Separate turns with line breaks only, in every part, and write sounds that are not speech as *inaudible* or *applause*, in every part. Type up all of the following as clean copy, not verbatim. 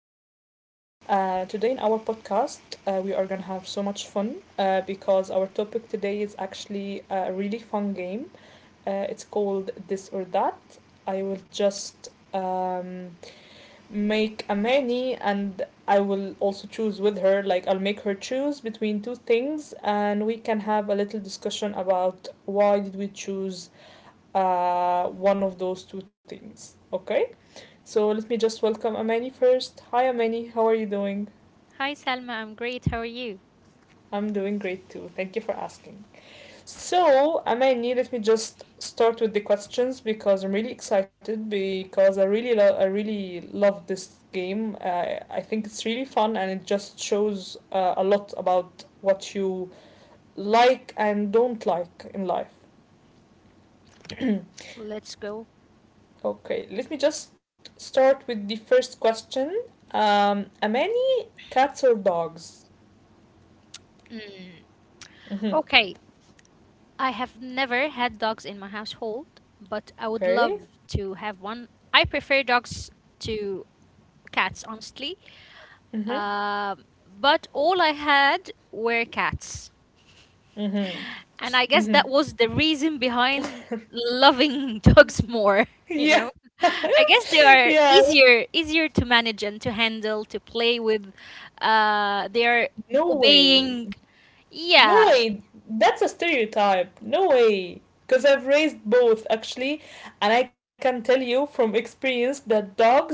Today, in our podcast, we are gonna have so much fun because our topic today is actually a really fun game. It's called This or That. I will just make a many and I will also choose with her, like, I'll make her choose between two things and we can have a little discussion about why did we choose one of those two things, okay? So let me just welcome Amani first. Hi Amani, how are you doing?
Hi Salma, I'm great. How are you?
I'm doing great too. Thank you for asking. So, Amani, let me just start with the questions because I'm really excited because I really love this game. I think it's really fun and it just shows a lot about what you like and don't like in life. *clears throat*
Let's go.
Okay, let me just start with the first question. Amani, cats or dogs? hmm
Okay, I have never had dogs in my household, but I would love
Okay.
to have one. I prefer dogs to cats, honestly.
Mhm.
But all I had were cats.
Mhm.
And I guess that was
Mhm.
the reason behind loving *laughs* dogs more, you know?
Yeah.
I guess they
*laughs*
are
Yeah.
easier to manage and to handle, to play with. They are
No way.
obeying.
No
Yeah,
way. That's a stereotype. No way. Because I've raised both actually, and I can tell you from experience that dogs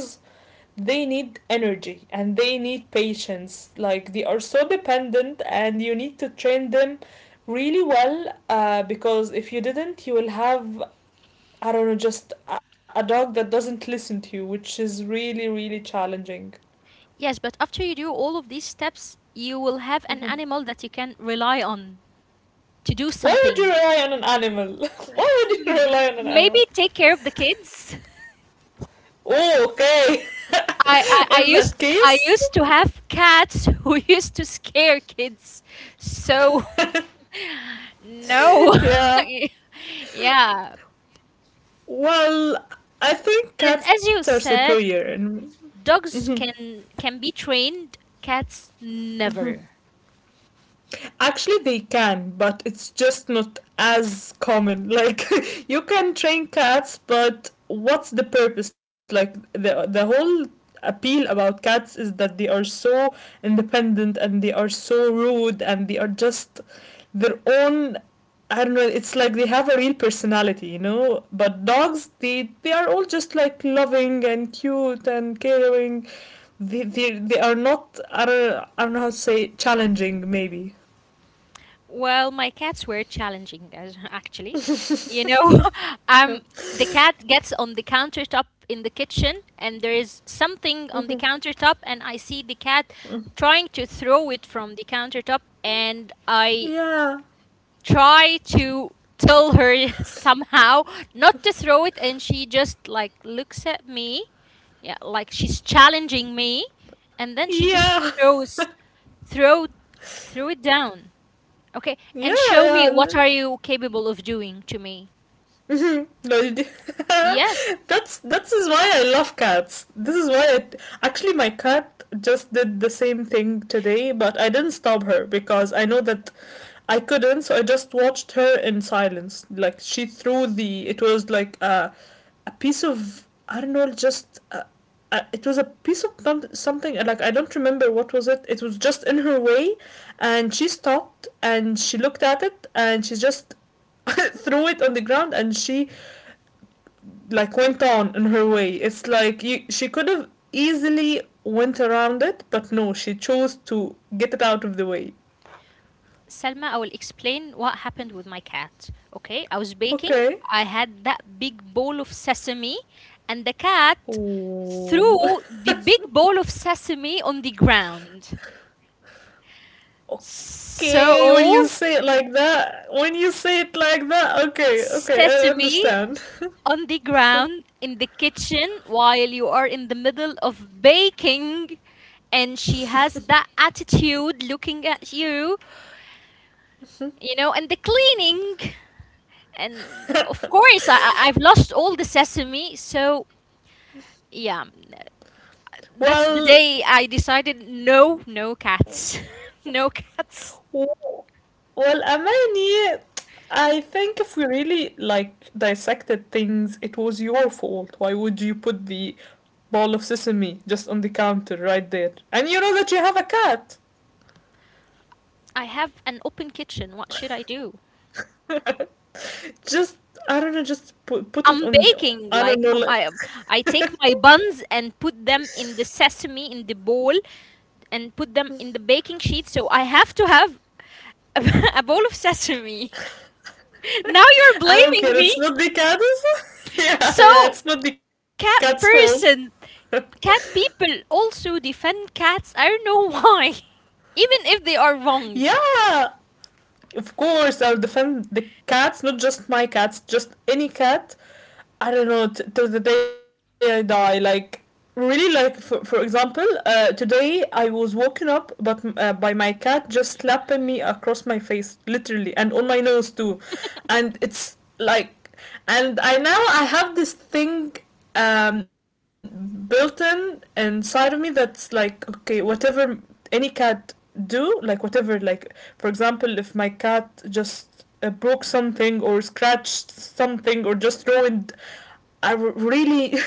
they need energy and they need patience. Like they are so dependent, and you need to train them really well. Because if you didn't, you will have I don't know just a dog that doesn't listen to you, which is really really challenging.
yes, but after you do all of these steps, you will have an animal that you can rely on to do
Why would you
something.
rely on an animal? *laughs* Why
*laughs*
would you rely on an
Maybe
animal?
take care of the kids.
Oh, okay.
*laughs* I, I,
*laughs*
I
In that
used I
case,
used to have cats who *laughs* used to scare kids. So *laughs* no.
*laughs* yeah.
*laughs* Yeah.
Well, I think
And
cats
as
are
you
superior
said,
in.
dogs can be trained, cats never.
Actually, they can, but it's just not as common. Like *laughs* you can train cats, but what's the purpose? Like the whole appeal about cats is that they are so independent and they are so rude and they are just their own. I don't know, it's like they have a real personality, you know? But dogs they are all just like loving and cute and caring. They are not I don't know how to say, challenging maybe.
Well, my cats were challenging as *laughs* actually. You know, *laughs* um the cat gets on the countertop in the kitchen and there is something on the countertop and I see the cat trying to throw it from the countertop and I
Yeah.
try to tell her *laughs* somehow not to throw it, and she just like looks at me, yeah, like she's challenging me, and then she just
Yeah.
throws throw throw it down. Okay,
Yeah,
and show me what
yeah.
are you capable of doing to me.
*laughs* Mhm. No,
Yes.
*laughs* that's this is why I love cats. This is why I actually my cat just did the same thing today, but I didn't stop her because I know that I couldn't, so I just watched her in silence. Like she threw the it was like a piece of I don't know, just a, it was a piece of something like I don't remember what was it. It was just in her way, and she stopped and she looked at it and she just *laughs* threw it on the ground and she like went on in her way. It's like you, she could have easily went around it but no, she chose to get it out of the way.
Selma, I will explain what happened with my cat. Okay, I was baking.
Okay,
I had that big bowl of sesame, and the cat threw
oh
the big
*laughs*
bowl of sesame on the ground. So,
okay, when you say it like that, okay okay, I
sesame
understand. *laughs*
on the ground in the kitchen while you are in the middle of baking, and she has that attitude looking at you, and the cleaning. And of course, I've lost all the sesame. So, yeah, that's the
Well,
day I decided no, no cats. *laughs* No cats.
well, Amani, I think if we really like dissected things, it was your fault. Why would you put the ball of sesame just on the counter right there? And you know that you have a cat.
I have an open kitchen. What should I do?
Just I don't know, just put it
I'm
on the.
baking.
I don't
Like,
know. Like,
I take my buns and put them in the sesame in the bowl and put them in the baking sheet. So I have to have *laughs* a bowl of sesame. *laughs* Now you're
I don't care.
blaming me.
It's not the cat's. *laughs* Yeah,
So
it's not the cat's
cat
fault.
person, cat people also defend cats. I don't know why, *laughs* even if they are wrong.
Yeah, of course I'll defend the cats, not just my cats, just any cat. I don't know, till the day I die. Like really, like for example, today I was woken up, but by my cat just slapping me across my face, literally, and on my nose too, and it's like, and I now I have this thing um built in inside of me that's like okay whatever, any cat do like whatever. Like for example, if my cat just broke something or scratched something or just ruined. I really *laughs*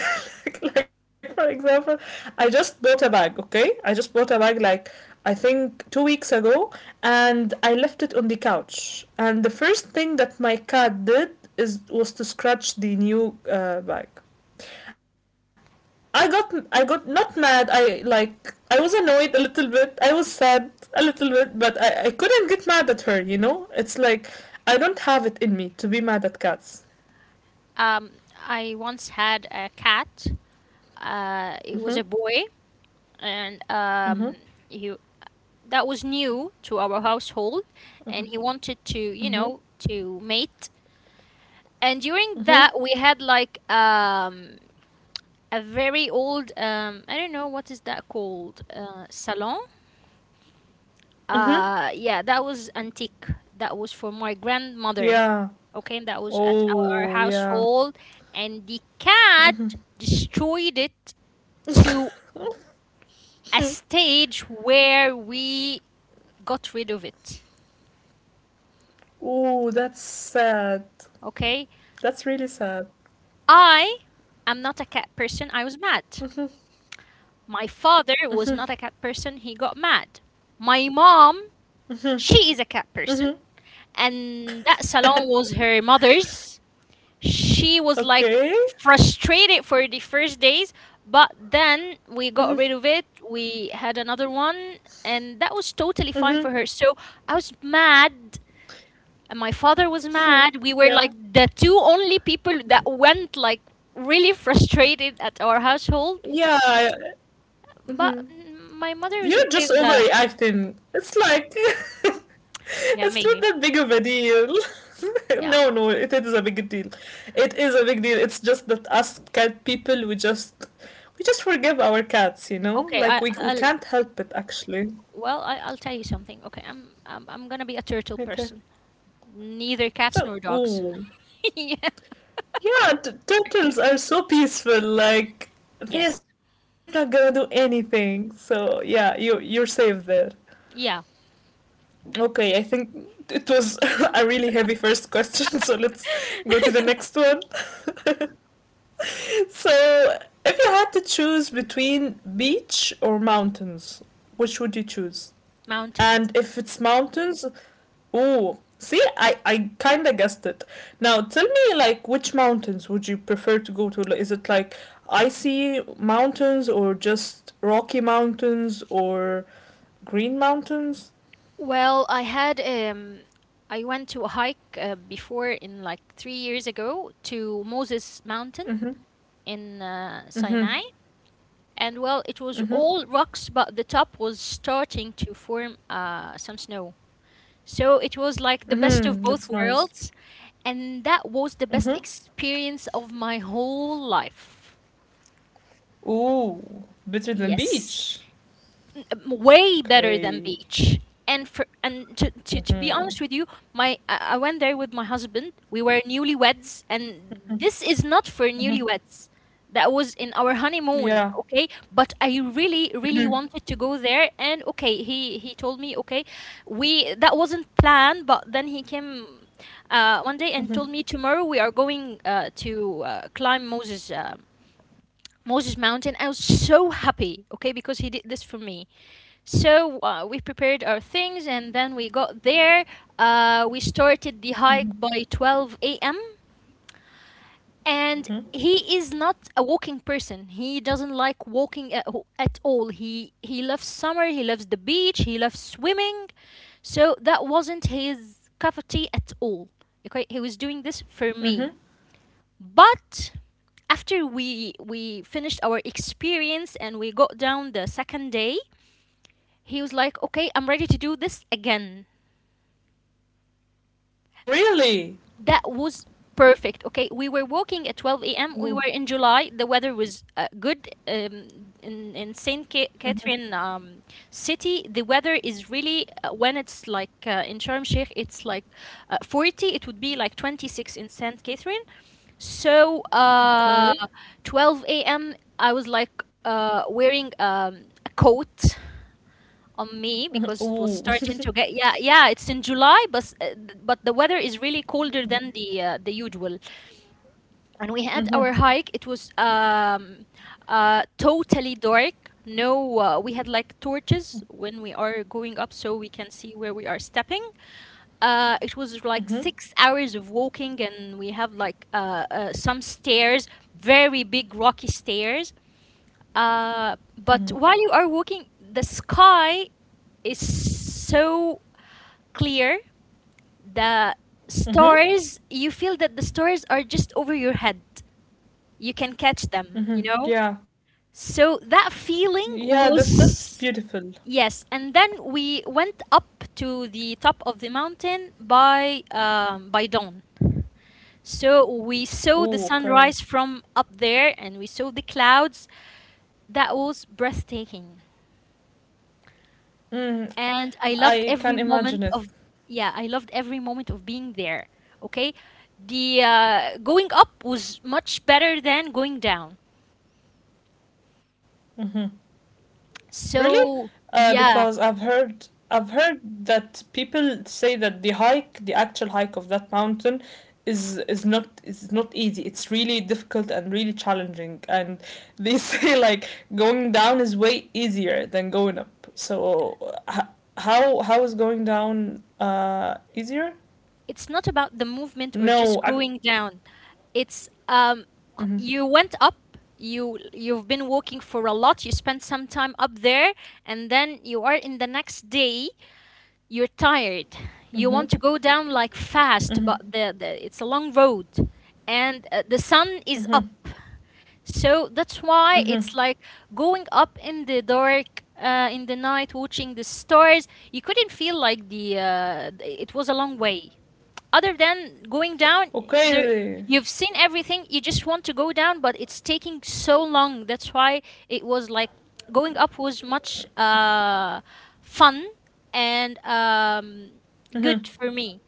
like for example, I just bought a bag, okay, I just bought a bag like I think 2 weeks ago, and I left it on the couch and the first thing that my cat did is was to scratch the new bag. I got not mad. I was annoyed a little bit. I was sad a little bit, but I couldn't get mad at her, you know? It's like I don't have it in me to be mad at cats.
Um, I once had a cat. It was
Mhm.
a boy, and
Mhm.
he that was new to our household, and he wanted to, you
Mhm.
know, to mate. And during
Mhm.
that, we had like a very old I don't know what is that called, salon.
Mhm.
Yeah, that was antique. That was for my grandmother.
Yeah.
Okay, that was at our
Oh, yeah.
household, and the cat destroyed it to a stage where we got rid of it.
Oh, that's sad.
Okay,
That's really sad.
I am not a cat person. I was mad. My father was not a cat person. He got mad. My mom, she is a cat person,
Mhm.
and that salon was her mother's. She was like
Okay.
frustrated for the first days, but then we got rid of it, we had another one, and that was totally fine
Mhm.
for her. So I was mad, and my father was mad. We were like
Yeah.
the two only people that went like really frustrated at our household.
Yeah. I,
But
mhm.
my mother was
You're
okay
just
with that.
overreacting. It's like *laughs*
Yeah,
it's not
maybe.
that big of a deal. *laughs*
Yeah.
No, no, it is a big deal. It is a big deal. It's just that us cat people, we just forgive our cats, you know.
Okay,
Like
I-
we
I'll
can't help it actually.
well, I'll tell you something. Okay, I'm gonna be a turtle
Okay.
person, neither cats
Well,
nor dogs.
ooh,
*laughs*
yeah. Turtles are so peaceful. Like they're
Yes.
not gonna do anything. So yeah, you're safe there.
Yeah.
Okay, I think it was *laughs* a really heavy first question, *laughs* so let's go to the next
*laughs*
one. *laughs* So, if you had to choose between beach or mountains, which would you choose?
Mountains.
And if it's mountains, oh, see, I kind of guessed it. Now, tell me, like, which mountains would you prefer to go to? Like, is it like icy mountains or just rocky mountains or green mountains?
Well, I went to a hike before, in like 3 years ago, to Moses Mountain
Mm-hmm,
in Sinai. And well, it was
mm-hmm,
all rocks, but the top was starting to form some snow. So it was like the best of
mm-hmm,
both
that's nice.
worlds, and that was the best
Mm-hmm.
experience of my whole life.
Ooh, better than
Yes.
beach.
Way better than
Okay.
beach. And for and to be
Mm-hmm.
honest with you, my I went there with my husband. We were newlyweds, and this is not for newlyweds. That was in our honeymoon,
Yeah.
okay? But I really, really wanted to go there, and okay, he told me, okay, we that wasn't planned, but then he came one day and told me tomorrow we are going to climb Moses. Moses Mountain. I was so happy, okay, because he did this for me. So we prepared our things and then we got there. We started the hike by 12 a.m. And he is not a walking person. He doesn't like walking at all. He loves summer. He loves the beach. He loves swimming. So that wasn't his cup of tea at all. Okay, he was doing this for
Mm-hmm.
me. But after we finished our experience and we got down the second day, he was like, okay, I'm ready to do this again.
Really?
That was perfect. Okay, we were walking at 12 a.m. We were
Ooh,
in July. The weather was good. In Saint Catherine city, the weather is really when it's like in Sharm Sheikh, it's like 40. It would be like 26 in Saint Catherine. So
okay.
12 a.m. I was like wearing a coat on me because it was
Ooh.
starting to get, yeah *laughs* yeah, it's in July, but but the weather is really colder than the usual. And we had our hike. It was totally dark. No, we had like torches when we are going up so we can see where we are stepping. It was like
Mm-hmm.
6 hours of walking, and we have like some stairs, very big rocky stairs. uh but
Mm-hmm.
while you are walking, the sky is so clear. The
Mm-hmm.
stars, you feel that the stars are just over your head. You can catch them, you
Mm-hmm.
know?
Yeah.
So that
Yeah,
feeling
that that's beautiful.
was, yes. And then we went up to the top of the mountain by dawn. So we saw the
Ooh, okay.
sunrise from up there and we saw the clouds. That was breathtaking.
Mm,
And I loved
I
every
can
moment
imagine it.
of, yeah, I loved every moment of being there. Okay, the going up was much better than going down.
Mm-hmm. Really?
So yeah,
Because I've heard that people say that the hike, the actual hike of that mountain, is not easy. It's really difficult and really challenging. And they *laughs* say like going down is way easier than going up. So how is going down easier?
it's not about the movement or just
No, I,
going down. It's you went up. You've been walking for a lot. You spent some time up there, and then you are in the next day. You're tired. You want to go down like fast, but the it's a long road, and the sun is up. So that's why it's like going up in the dark in the night, watching the stars. You couldn't feel like it was a long way, other than going down. There,
okay.
you've seen everything, you just want to go down, but it's taking so long. That's why it was like going up was much fun, and good for me,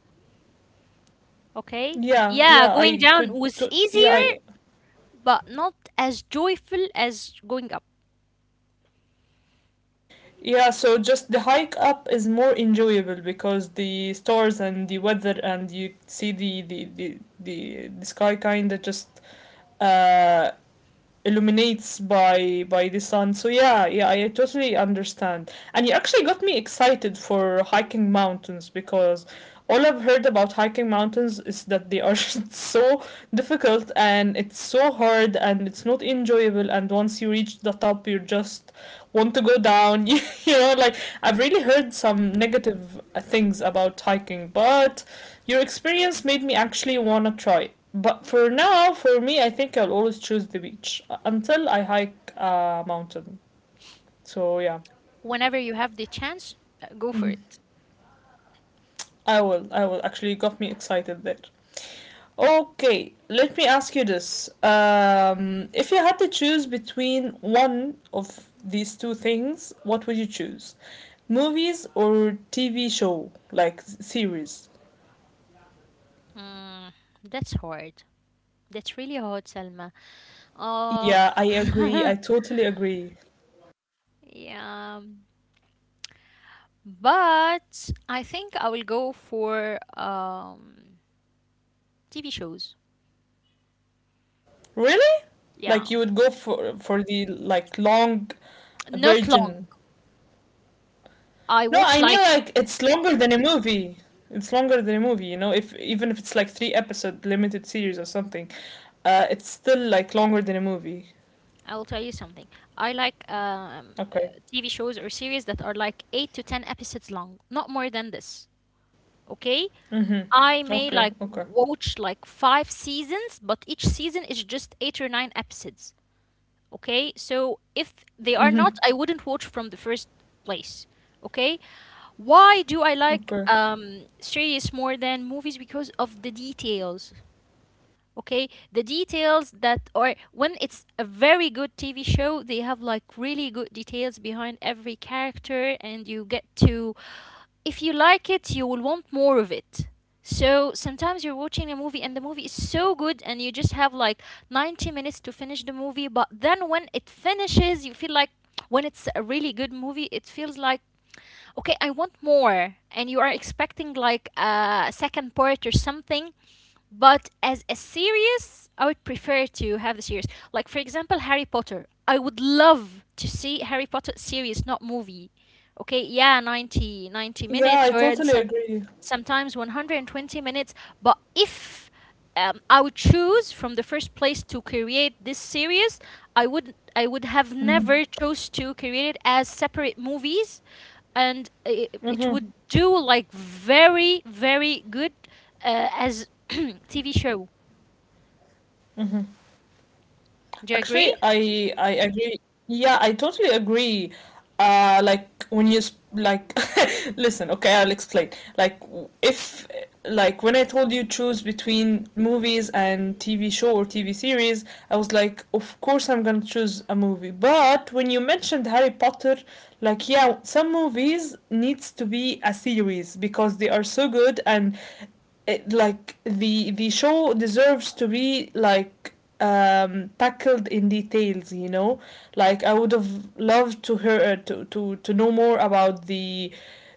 okay.
Yeah,
Yeah,
I
going
could.
down was easier, but not as joyful as going up.
Yeah, so just the hike up is more enjoyable because the stars and the weather and you see the sky kind of just uh illuminates by the sun, so yeah, yeah, I totally understand, and you actually got me excited for hiking mountains, because all I've heard about hiking mountains is that they are *laughs* so difficult and it's so hard and it's not enjoyable and once you reach the top you just want to go down. *laughs* You know, like I've really heard some negative things about hiking, but your experience made me actually wanna try. But for now, for me, I think I'll always choose the beach until I hike a mountain. So yeah,
Whenever you have the chance, go for it.
I will. I will. Actually, you got me excited there. Okay, let me ask you this. If you had to choose between one of these two things, what would you choose? Movies or TV show, like series?
mm, that's hard. That's really hard, Selma. Oh.
Yeah, I agree.
*laughs*
I totally agree.
Yeah. But I think I will go for TV shows.
Really? Like
Yeah,
you would go for the like long
not long.
version.
I
No,
watch
I mean
like,
like it's longer than a movie. It's longer than a movie, you know, if even if it's like three episode limited series or something. Uh, it's still like longer than a movie.
I'll tell you something. I like
Okay.
TV shows or series that are like eight to 10 episodes long, not more than this. Okay,
Mm-hmm.
I may
Okay,
like
okay.
watch like five seasons, but each season is just eight or nine episodes. Okay, so if they are not, I wouldn't watch from the first place. Okay, why do
Okay.
I like series more than movies? Because of the details. Okay, the details that, or when it's a very good TV show, they have like really good details behind every character, and you get to, if you like it, you will want more of it. So sometimes you're watching a movie and the movie is so good and you just have like 90 minutes to finish the movie, but then when it finishes, you feel like, when it's a really good movie, it feels like okay, I want more, and you are expecting like a second part or something. But as a series, I would prefer to have the series. Like for example, Harry Potter. I would love to see Harry Potter series, not movie. Okay, yeah, ninety
Yeah,
minutes,
I
or in
totally
some
agree.
sometimes 120 minutes. But if I would choose from the first place to create this series, I would have never chose to create it as separate movies, and it would do like very very good as *clears throat* TV show. Do you
Actually,
agree?
I agree. Yeah, I totally agree. Like when you like *laughs* listen, okay, I'll explain. Like w- if like when I told you choose between movies and TV show or TV series, I was like, of course I'm gonna choose a movie. But when you mentioned Harry Potter, like yeah, some movies needs to be a series because they are so good and like the show deserves to be like tackled in details, you know, like I would have loved to hear to know more about the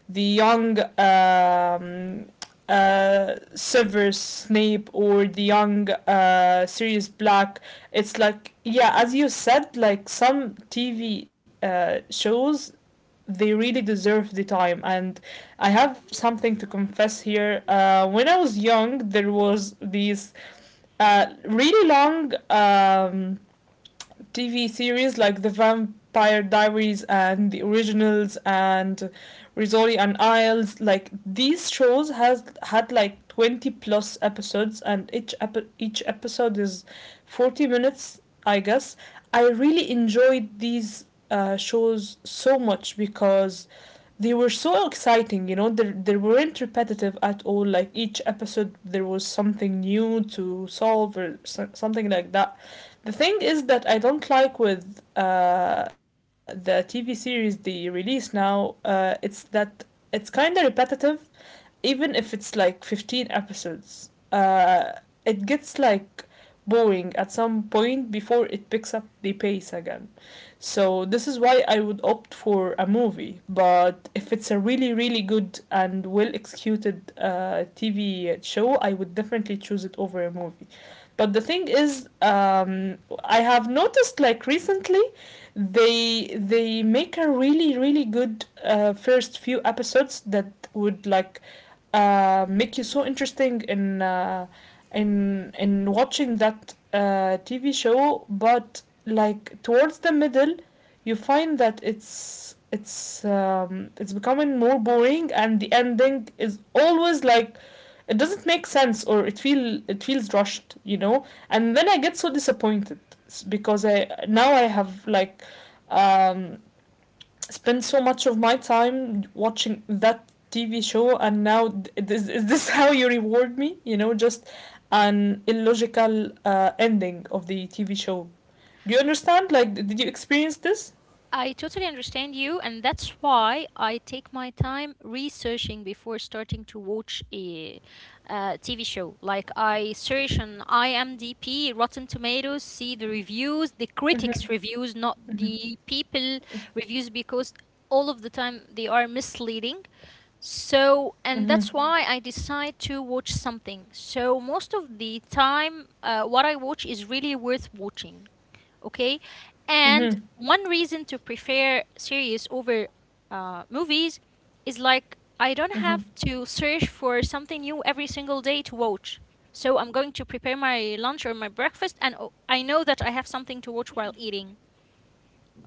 young Severus Snape or the young Sirius Black. It's like yeah, as you said, like some TV shows they really deserve the time. And I have something to confess here. When I was young, there was these really long TV series like The Vampire Diaries and The Originals and Rizzoli and Isles. Like these shows has had like 20 plus episodes, and each episode is 40 minutes, I guess. I really enjoyed these shows so much because they were so exciting, you know, they weren't repetitive at all. Like each episode there was something new to solve or so, something like that. The thing is that I don't like with the TV series they release now. It's that it's kind of repetitive, even if it's like 15 episodes. It gets like boring at some point before it picks up the pace again. So this is why I would opt for a movie. But if it's a really good and well executed TV show, I would definitely choose it over a movie. But the thing is, I have noticed like recently, they make a really good first few episodes that would make you so interesting in in watching that TV show. But like towards the middle, you find that it's becoming more boring, and the ending is always like it doesn't make sense or it feel it feels rushed, and then I get so disappointed because I have like um spent so much of my time watching that TV show, and now is this *laughs* how you reward me, just an illogical ending of the TV show? Do you understand? Like did you experience this?
I totally understand you, and that's why I take my time researching before starting to watch a TV show. Like I search on IMDb, Rotten Tomatoes, see the reviews, the critics' reviews, not the people reviews, because all of the time they are misleading. So, and
Mm-hmm.
that's why I decide to watch something. So, most of the time, what I watch is really worth watching. Okay. And
Mm-hmm.
one reason to prefer series over movies is like I don't
Mm-hmm.
have to search for something new every single day to watch. So, I'm going to prepare my lunch or my breakfast, and oh, I know that I have something to watch while eating.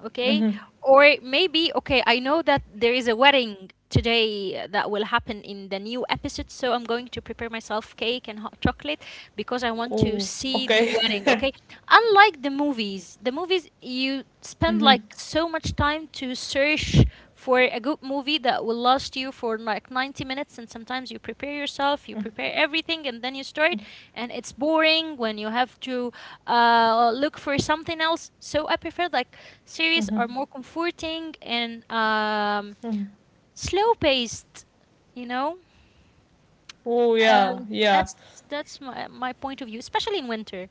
Okay. Or maybe, okay, I know that there is a wedding today that will happen in the new episode, so I'm going to prepare myself cake and hot chocolate because I want to
Oh,
see the
okay.
wedding, okay? Unlike the movies you spend like so much time to search for a good movie that will last you for like 90 minutes and sometimes you prepare yourself, you prepare everything and then you start and it's boring when you have to look for something else. So I prefer like
*laughs*
series
Mm-hmm,
are more comforting and
mm-hmm.
slow paced, you know?
Oh, yeah,
Um,
yeah.
that's that's my point of view, especially in winter.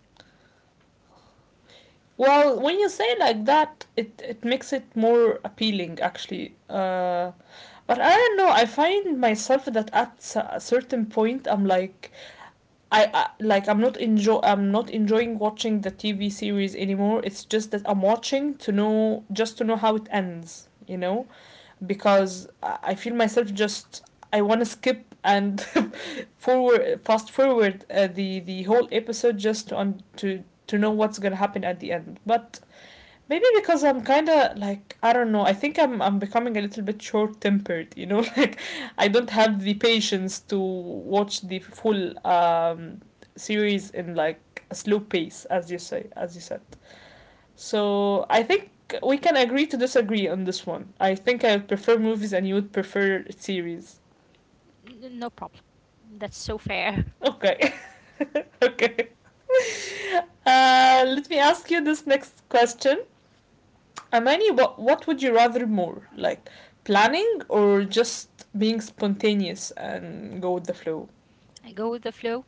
Well, when you say like that, it makes it more appealing, actually. But I don't know, I find myself that at a certain point, I'm like, I'm not enjoy I'm not enjoying watching the TV series anymore. It's just that I'm watching to know, just to know how it ends, you know, because I feel myself just I want to skip and *laughs* forward fast forward the whole episode just on to know what's gonna happen at the end. But maybe because I'm kind of like, I don't know. I think I'm becoming a little bit short-tempered, you know? *laughs* Like I don't have the patience to watch the full series in like a slow pace, as as you said. So, I think we can agree to disagree on this one. I think I would prefer movies and you would prefer series.
No problem. That's so fair.
Okay. *laughs* Okay. Let me ask you this next question. Amani, what would you rather more? Like planning, or just being spontaneous and go with the flow?
*laughs* I go with the flow.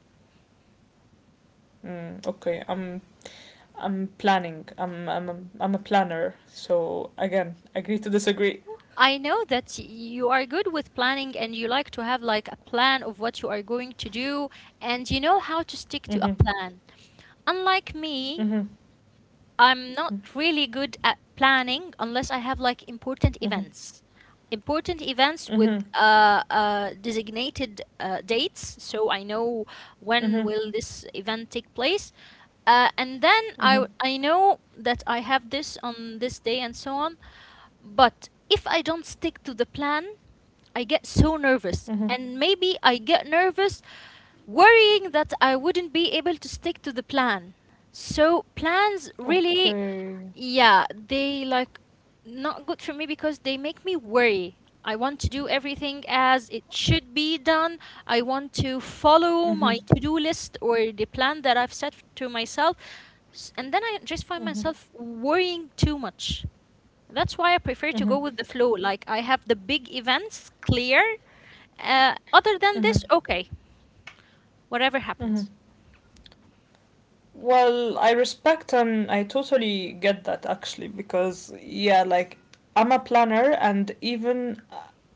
Mm, okay, I'm planning. I'm a planner. So again, agree to disagree.
I know that you are good with planning and you like to have like a plan of what you are going to do and you know how to stick to a
Mhm.
plan. Unlike me,
Mhm.
I'm not really good at planning unless I have like important
Mhm.
events. Important events with
Mhm.
designated dates, so I know when
Mhm.
will this event take place. And then I
Mhm.
I know that I have this on this day and so on. But if I don't stick to the plan, I get so nervous,
Mhm.
and maybe I get nervous worrying that I wouldn't be able to stick to the plan. So plans really
Okay.
yeah, they like not good for me because they make me worry. I want to do everything as it should be done. I want to follow
Mhm.
my to-do list or the plan that I've set to myself. And then I just find
Mhm.
myself worrying too much. That's why I prefer to go
Mhm.
with the flow. Like I have the big events clear. Other than
Mhm.
this, okay, whatever
Mhm.
happens.
Well, I respect and I totally get that, actually, because yeah, like I'm a planner and even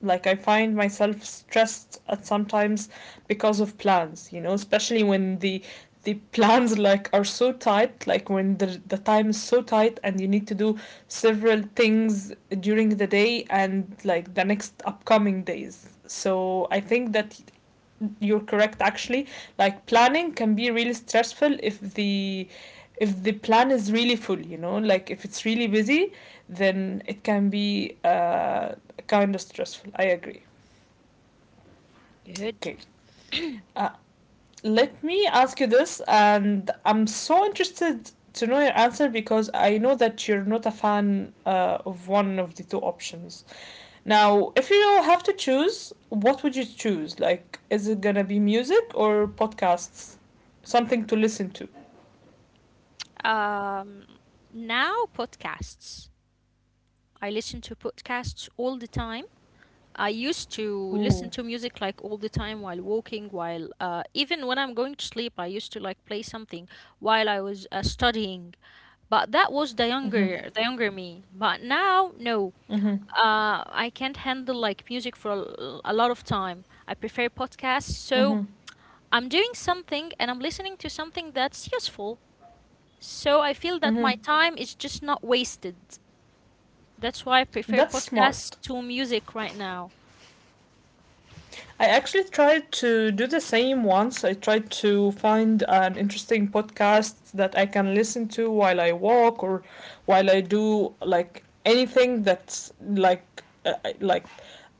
like I find myself stressed at sometimes because of plans, you know, especially when the plans like are so tight, like when the time is so tight and you need to do several things during the day and like the next upcoming days. So I think that you're correct, actually. Like planning can be really stressful if the plan is really full, you know, like if it's really busy, then it can be kind of stressful. I agree.
Good.
Okay. uh, Let me ask you this, and I'm so interested to know your answer because I know that you're not a fan of one of the two options. Now, if you have to choose, what would you choose? Like, is it gonna be music or podcasts? Something to listen to.
Um, Now podcasts. I listen to podcasts
Really?
all the time. I used to
Ooh.
listen to music like all the time while walking, while even when I'm going to sleep, I used to like play something while I was studying. But that was the younger me. But now, no, I can't handle like music for a lot of time. I prefer podcasts. So I'm doing something and I'm listening to something that's useful. So I feel that my
Mm-hmm.
time is just not wasted. That's why I prefer
That's
podcasts
smart.
to music right now.
I actually tried to do the same once. I tried to find an interesting podcast that I can listen to while I walk or while I do like anything that's like uh, like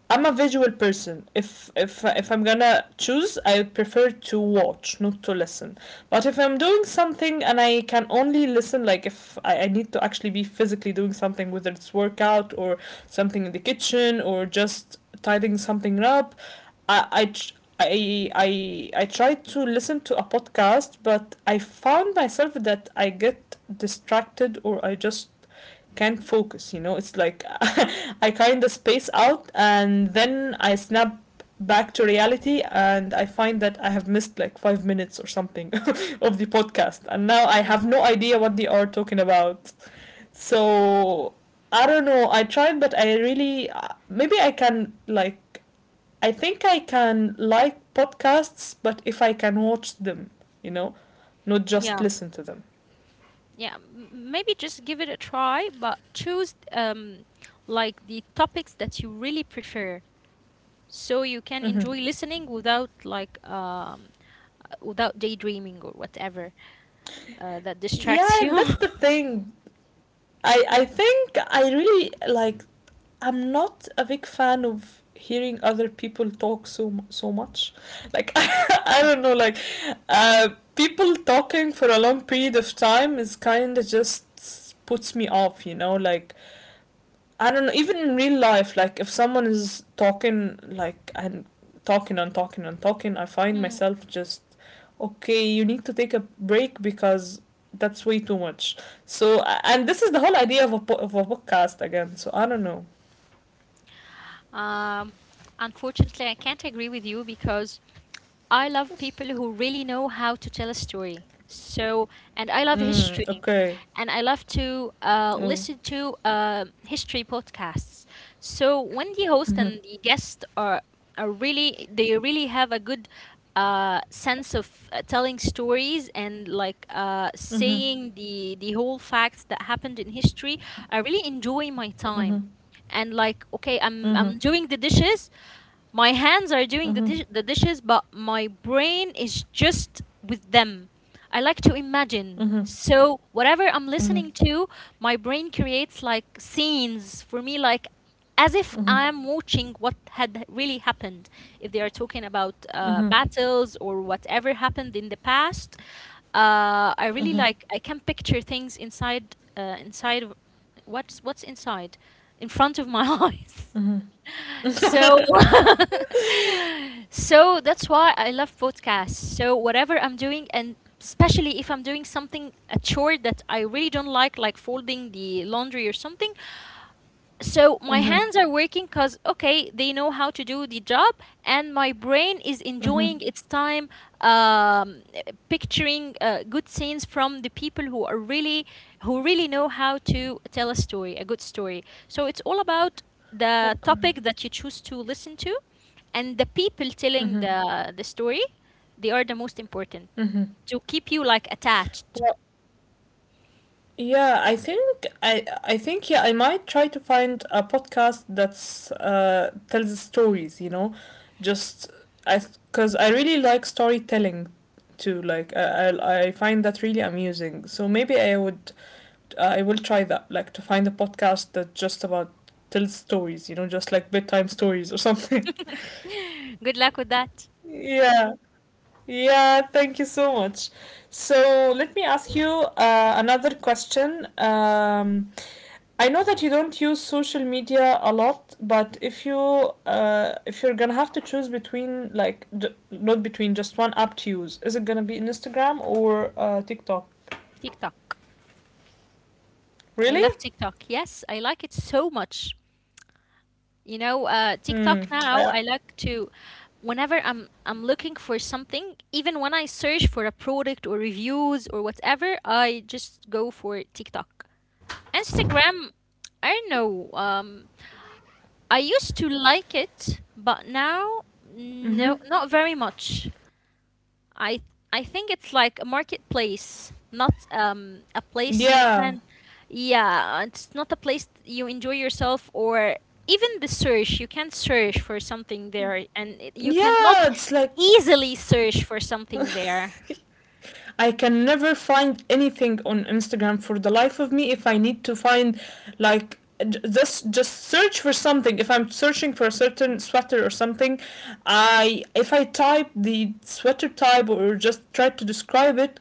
I'm a visual person. If I'm gonna choose, I prefer to watch, not to listen. But if I'm doing something and I can only listen, like if I, I need to actually be physically doing something, whether it's workout or something in the kitchen or just tidying something up, I tr- I tried to listen to a podcast, but I found myself that I get distracted or I just can't focus. You know, it's like *laughs* I kind of space out, and then I snap back to reality, and I find that I have missed like 5 minutes or something *laughs* of the podcast, and now I
Ye-
have no idea what they are talking about. So I don't know. I tried, but I really maybe I can like, I think I can like podcasts, but if I can watch them, you know, not just
Yeah.
listen to them.
Yeah. Maybe just give it a try, but choose like the topics that you really prefer so you can
Hmm.
enjoy listening without without daydreaming or whatever that distracts
Yeah,
you.
that's the
*laughs*
thing. I think I really like. I'm not a big fan of hearing other people talk so much. Like *laughs* I don't know, like uh, people talking for a long period of time is kind of just puts me off. You know, like I don't know, even in real life, like if someone is talking like and talking and talking, I find
Hmm.
myself just, okay, you need to take a break because that's way too much. So and this is the whole idea of a of a podcast again. So I don't know.
Um, Unfortunately, I can't agree with you because I love people who really know how to tell a story. So, and I love
Mm,
history,
okay.
and I love to
Oh.
listen to history podcasts. So when the host
Mhm.
and the guest are really they really have a good sense of telling stories and like
Mhm.
saying the whole facts that happened in history, I really enjoy my time.
Mhm.
And like, okay, I'm
Mhm.
I'm doing the dishes, my hands are doing the,
Mhm.
the dishes, but my brain is just with them. I like to imagine.
Mhm.
So, whatever I'm
Mhm.
listening to, my brain creates like scenes for me, like as if
Mhm.
I'm watching what had really happened. If they are talking about
Mhm.
battles or whatever happened in the past, I really
Mhm.
like, I can picture things inside, inside of what's inside, in front of my *laughs* eyes.
Mhm.
So,
Mhm. *laughs*
*laughs* so that's why I love podcasts. So whatever I'm doing, and especially if I'm doing something a chore that I really don't like folding the laundry or something, so my hands are working because, okay, they know how to do the job, and my brain is enjoying its time um, picturing good scenes from the people who are really, who really know how to tell a story, a good story. So it's all about the
Okay.
topic that you choose to listen to, and the people telling
Mhm.
the story. They are the most important
Mhm.
to keep you like attached.
Well, yeah, I think I think yeah, I might try to find a podcast that's tells stories, you know, just I, because I really like storytelling too. Like I find that really amusing. So maybe I will try that, like to find a podcast that just about tells stories, you know, just like bedtime stories or something.
Good luck with that.
*laughs* Yeah. Yeah, thank you so much. So let me ask you another question. I know that you don't use social media a lot, but if you if you're gonna have to choose between not between just one app to use, is it gonna be Instagram or TikTok?
TikTok. I
Really?
love TikTok. Yes, I like it so much. You know,
Hmm.
TikTok now,
I,
I like to, whenever I'm looking for something, even when I search for a product or reviews or whatever, I just go for TikTok. Instagram, I don't know. I used to like it, but now,
mm-hmm.
no, not very much. I I think it's like a marketplace, not a place you
Yeah.
can yeah, it's not a place you enjoy yourself or even the search, you can search for something there and you
Yeah,
cannot
it's like
easily search for something there.
I can never find anything on Instagram for the life of me if I need to find like, just search for something. If I'm searching for a certain sweater or something, I if I type the sweater type or just try to describe it,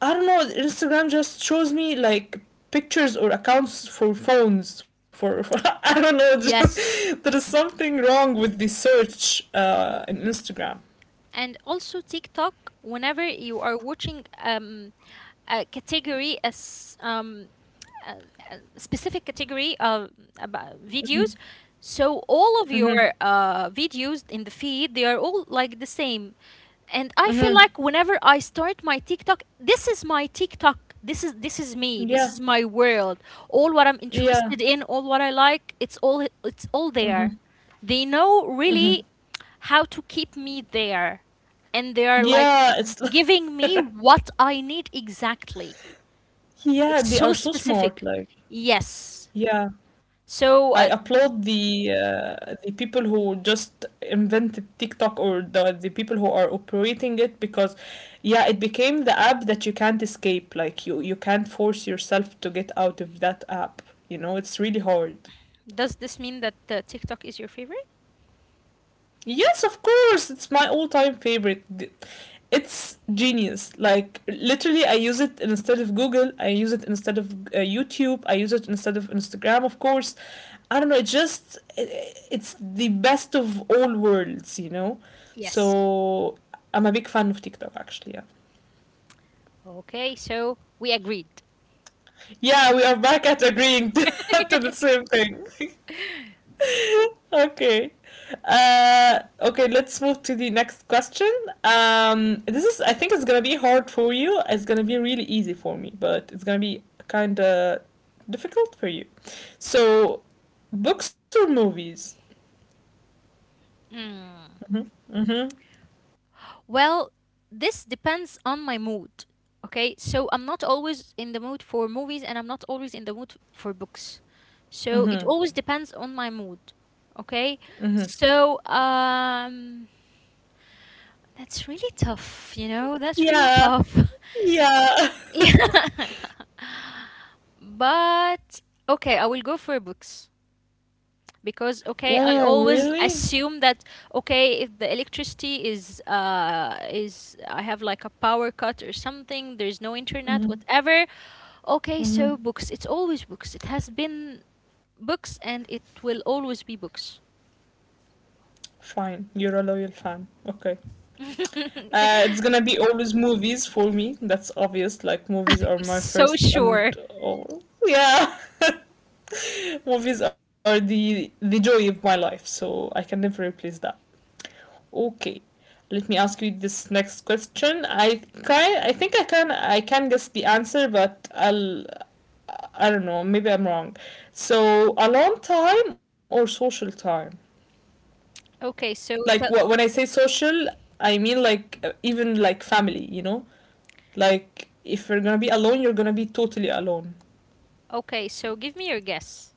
I don't know, Instagram just shows me like pictures or accounts for phones, for *laughs* for I don't know.
Yes.
*laughs* There is something wrong with the search
Ye-
in Instagram.
And also TikTok, whenever you are watching a category as a, a specific category of about videos. So all of
Mm-hmm.
your videos in the feed, they are all like the same. And I feel
Mm-hmm.
like whenever I start my TikTok, this is my TikTok. This is me. This
Yeah.
is my world. All what I'm
Yeah.
interested in, all what I like, it's all there. They know
Mm-hmm.
really how to keep me there. And they are like
Yeah,
giving me what I need exactly.
*laughs* yeah,
It's
they are
so
so
specific.
smart. Like,
Yes.
yeah,
So,
I applaud the people who just invented TikTok or the people who are operating it, because yeah, it became the app that you can't escape. Like, you can't force yourself to get out of that app. You know, it's really hard.
does this mean that TikTok is your favorite?
Yes, of course. It's my all-time favorite. It's genius. Like literally, I use it instead of Google. I use it instead of YouTube. I use it instead of Instagram, of course. I don't know. It just it's the best of all worlds, you know. So
Yes.
I'm a big fan of TikTok, actually. Yeah.
Okay, so we agreed.
Yeah, we are back at agreeing *laughs* to the same thing. *laughs* Okay. Okay, let's move to the next question. This is, I think it's gonna be hard for you. It's gonna be really easy for me, but it's gonna be kind of difficult for you. So, books or movies?
Mm. Well, this depends on my mood. Okay, so I'm not always in the mood for movies and I'm not always in the mood for books. So it
Mm-hmm.
always depends on my mood. Okay, so that's really tough, you know, that's really
Yeah,
tough. *laughs*
yeah. *laughs*
Yeah. *laughs* But okay, I will go for books. Because okay, I
Oh,
always
really?
assume that okay, if the electricity is I have like a power cut or something, there's no internet whatever, okay, so books. It's always books. It has been books and it will always be books.
Fine, you're a loyal fan. Okay.
*laughs* I'm
It's gonna be always movies for me. That's obvious. Like, movies are my
so
first and
sure.
all. Yeah. *laughs* Movies are the joy of my life, so I can never replace that. Okay, let me ask you this next question. I can, I think I can guess the answer, but I don't know. Maybe I'm wrong. So alone time or social time?
Okay,
Like
so
when
tell
I say social, I mean like even like family. You know, like if you're gonna be alone, you're gonna be totally alone.
okay so give me your guess.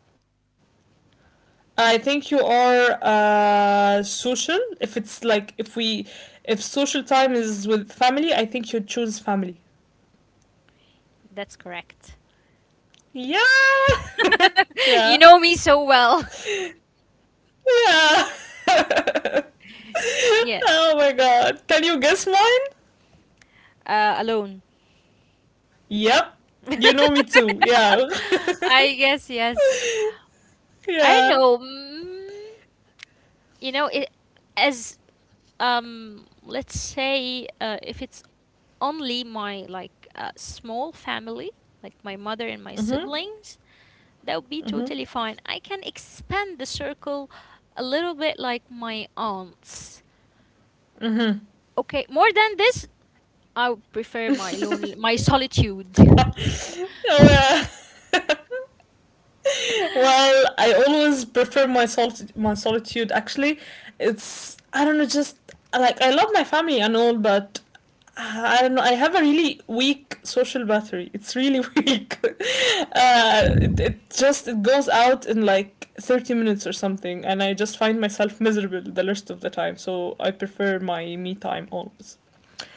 I think you are social. If it's like if we, if social time is with family, I think you choose family.
That's correct.
Yeah, *laughs* yeah,
*laughs* You know
yeah.
me so well.
*laughs*
*laughs* Yeah.
Oh my god! Can you guess mine?
Uh, alone.
Yep, you know me
*laughs*
too. Yeah,
I
*laughs*
guess yes. I don't
yeah.
know. Mm, you know, it as let's say if it's only my like small family, like my mother and my
Mm-hmm,
siblings, that would be
mm-hmm.
totally fine. I can expand the circle a little bit, like my aunts. Okay, more than this, I would prefer my lonely, my solitude.
*laughs* Oh
*laughs*
yeah. Well, I always prefer my solitude. My solitude, actually, it's I don't know, just like I love my family and all, but I don't know. I have a really weak social battery. It's really *laughs* weak. It just it goes out in like 30 minutes or something, and I just find myself miserable the rest of the time. So I prefer my me time always.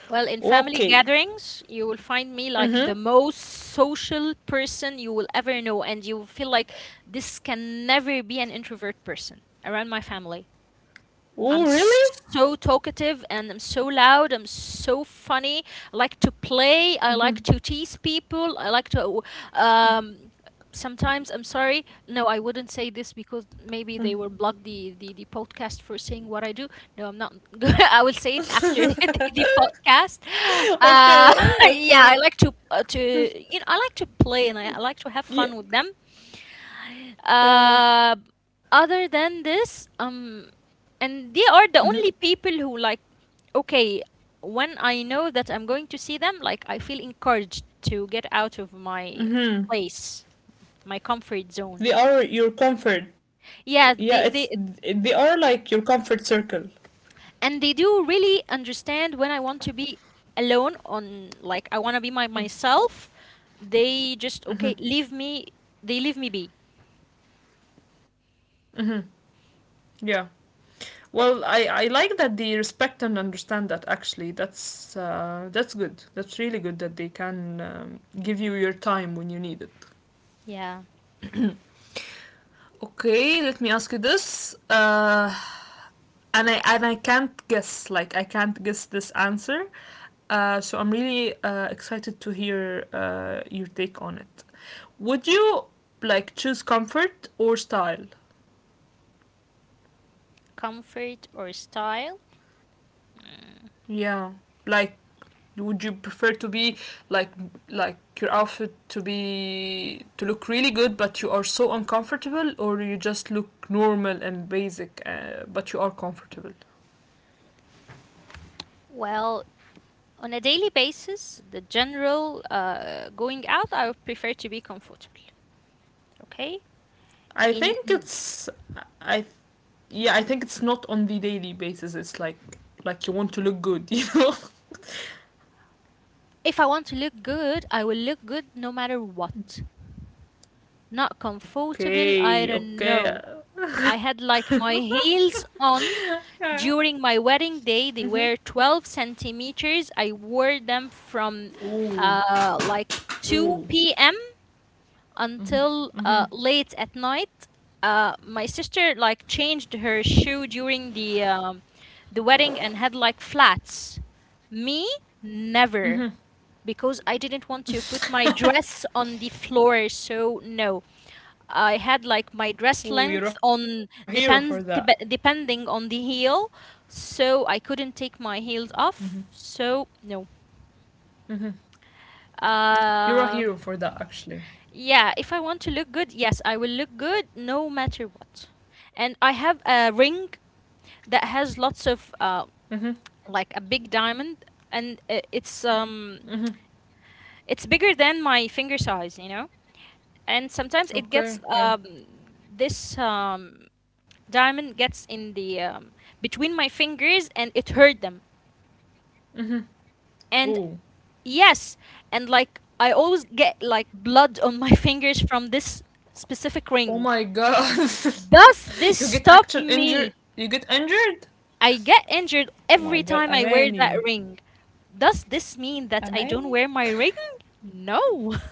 Well, in family
Okay.
gatherings, you will find me like
Mm-hmm.
the most social person you will ever know, and you will feel like this can never be an introvert person around my family.
Oh
I'm
really?
so talkative and I'm so loud. I'm so funny. I like to play. I like to tease people. I like to. Um, Sometimes I'm sorry. No, I wouldn't say this because maybe they will block the podcast for saying what I do. No, I'm not. *laughs* I will
*laughs*
say it after *laughs* the podcast.
Okay.
Uh, *laughs* yeah,
Okay.
I like to you know I like to play and I like to have
Yeah.
fun with them,
Yeah.
uh, other than this, and they
Mm-hmm.
are the only people who like okay when I know that I'm going to see them, like I feel encouraged to get out of my
Mm-hmm.
place, my comfort zone.
They are your comfort. Yeah, it's
Yeah, they
they are like your comfort circle.
and they do really understand when I want to be alone on like I want to be my myself. They just okay leave me, they leave me be.
Hmm. Yeah. Well, I like that they respect and understand that, actually. That's good. That's really good that they can give you your time when you need it.
Yeah.
Okay, let me ask you this. And I can't guess. Like I can't guess this answer. So I'm really excited to hear your take on it. Would you like choose comfort or style?
Comfort or style.
Yeah, like would you prefer to be like like your outfit to be to look really good, but you are so uncomfortable, or you just look normal and basic, but you are comfortable.
Well, on a daily basis, the general going out, I would prefer to be comfortable. Okay?
I
In
think it's I Yeah, I think it's not on the daily basis. It's like you want to look good. *laughs*
If I want to look good, I will look good no matter what. Not comfortable, I
Okay,
don't
okay.
know. I had
*laughs*
like my heels on during my wedding day. They were 12 centimeters. I wore them from
Ooh,
like
ooh.
2 p.m. until late at night. My sister like changed her shoe during the wedding and had like flats. Me, never, because I didn't want to put my
*laughs*
dress on the floor. So no, I had like my dress
Ooh, you're a
length
hero for
on
that.
depends depending on the heel, so I couldn't take my heels off. So no.
Mhm. You're a hero
Um,
for that, actually.
yeah, if I want to look good, yes, I will look good no matter what. And I have a ring that has lots of
Mhm.
like a big diamond, and
Mhm.
it's bigger than my finger size, you know. And sometimes it
Okay,
gets
yeah.
this diamond gets in the between my fingers and it hurt them.
Mhm. Ooh.
And yes, and like I always get like blood on my *laughs* fingers from this specific
Oh
ring.
my god.
Does this
*laughs* You get
stop
actual injured.
me?
You get injured?
I get injured
Oh my
every
god,
time I wear that
Amani.
ring. Does this mean that I don't
Amani?
wear my ring? No. *laughs*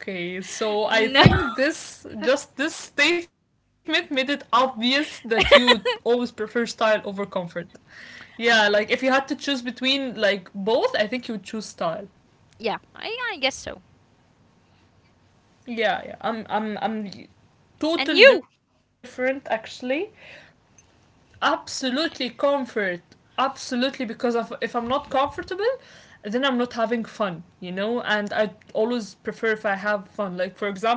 Okay, so I
No.
think this statement made it obvious that you always prefer
*laughs*
style over comfort. Yeah, like if you had to choose between like both, I think you would choose style.
Yeah, I guess so.
Yeah, yeah. I'm
And
total
you?
different actually. Absolutely comfort. Absolutely because of if I'm not comfortable, then I'm not having fun, you know? And I always prefer if I have fun. Like, for example,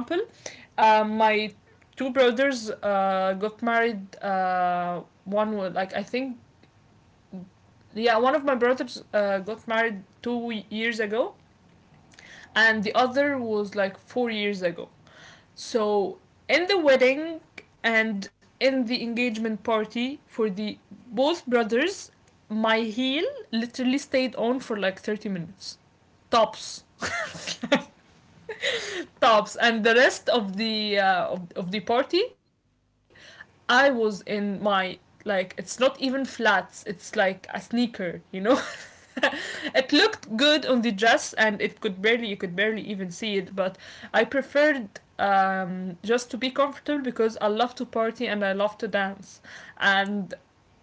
My two brothers got married. One was like I think, yeah, one of my brothers got married 2 years ago, and the other was like 4 years ago. So in the wedding and in the engagement party for the both brothers, my heel literally stayed on for like 30 minutes tops. *laughs* Tops, and the rest of the of the party I was in my, like, it's not even flats, it's like a sneaker. *laughs* It looked good on the dress, and it could barely you could barely even see it, but I preferred just to be comfortable because I love to party and I love to dance. And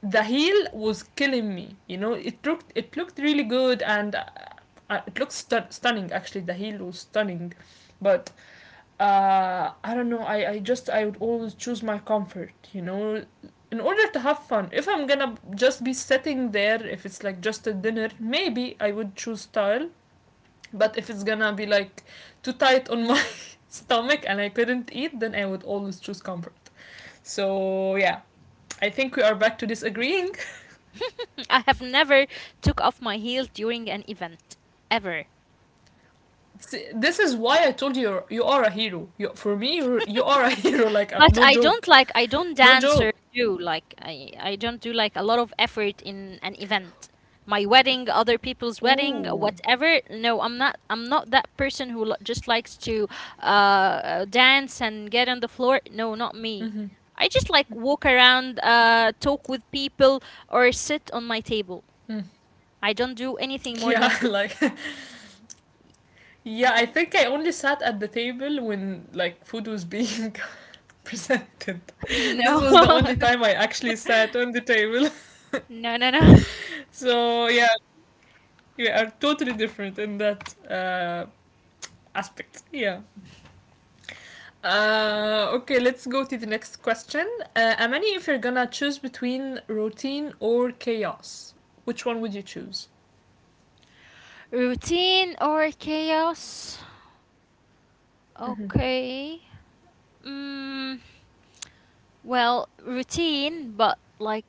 the heel was killing me. You know, it looked really good, and it looked stunning. Actually, the heel was stunning, but I don't know, I just I would always choose my comfort, in order to have fun. If I'm gonna just be sitting there, if it's like just a dinner, maybe I would choose style. But if it's gonna be like too tight on my *laughs* stomach, and I couldn't eat, then I would always choose comfort. So yeah, I think we are back to disagreeing.
*laughs* I have never took off my heel during an event. Ever.
*laughs* This is why I told you a hero. You, for me, you are a *laughs* hero. Like
But
no joke,
I don't
no
dance or
joke.
do like I don't do like a lot of effort in an event. My wedding, other people's wedding,
Ooh.
whatever. No, I'm not that person who just likes to dance and get on the floor. No, not me.
Mm-hmm.
I just like walk around, talk with people or sit on my table.
Mm.
I don't do anything more
Yeah,
than
*laughs*
this.
like, yeah, I think I only sat at the table when, like, food was being *laughs* presented.
*laughs*
This
No.
was the only
*laughs*
time I actually sat on the table. *laughs*
No, no, no.
So yeah, we are totally different in that uh, aspect. Yeah. Okay, let's go to the next question. Amani, if you're gonna choose between routine or chaos, which one would you choose?
Routine or chaos?
Mm-hmm.
Okay. Mm, well, routine, but like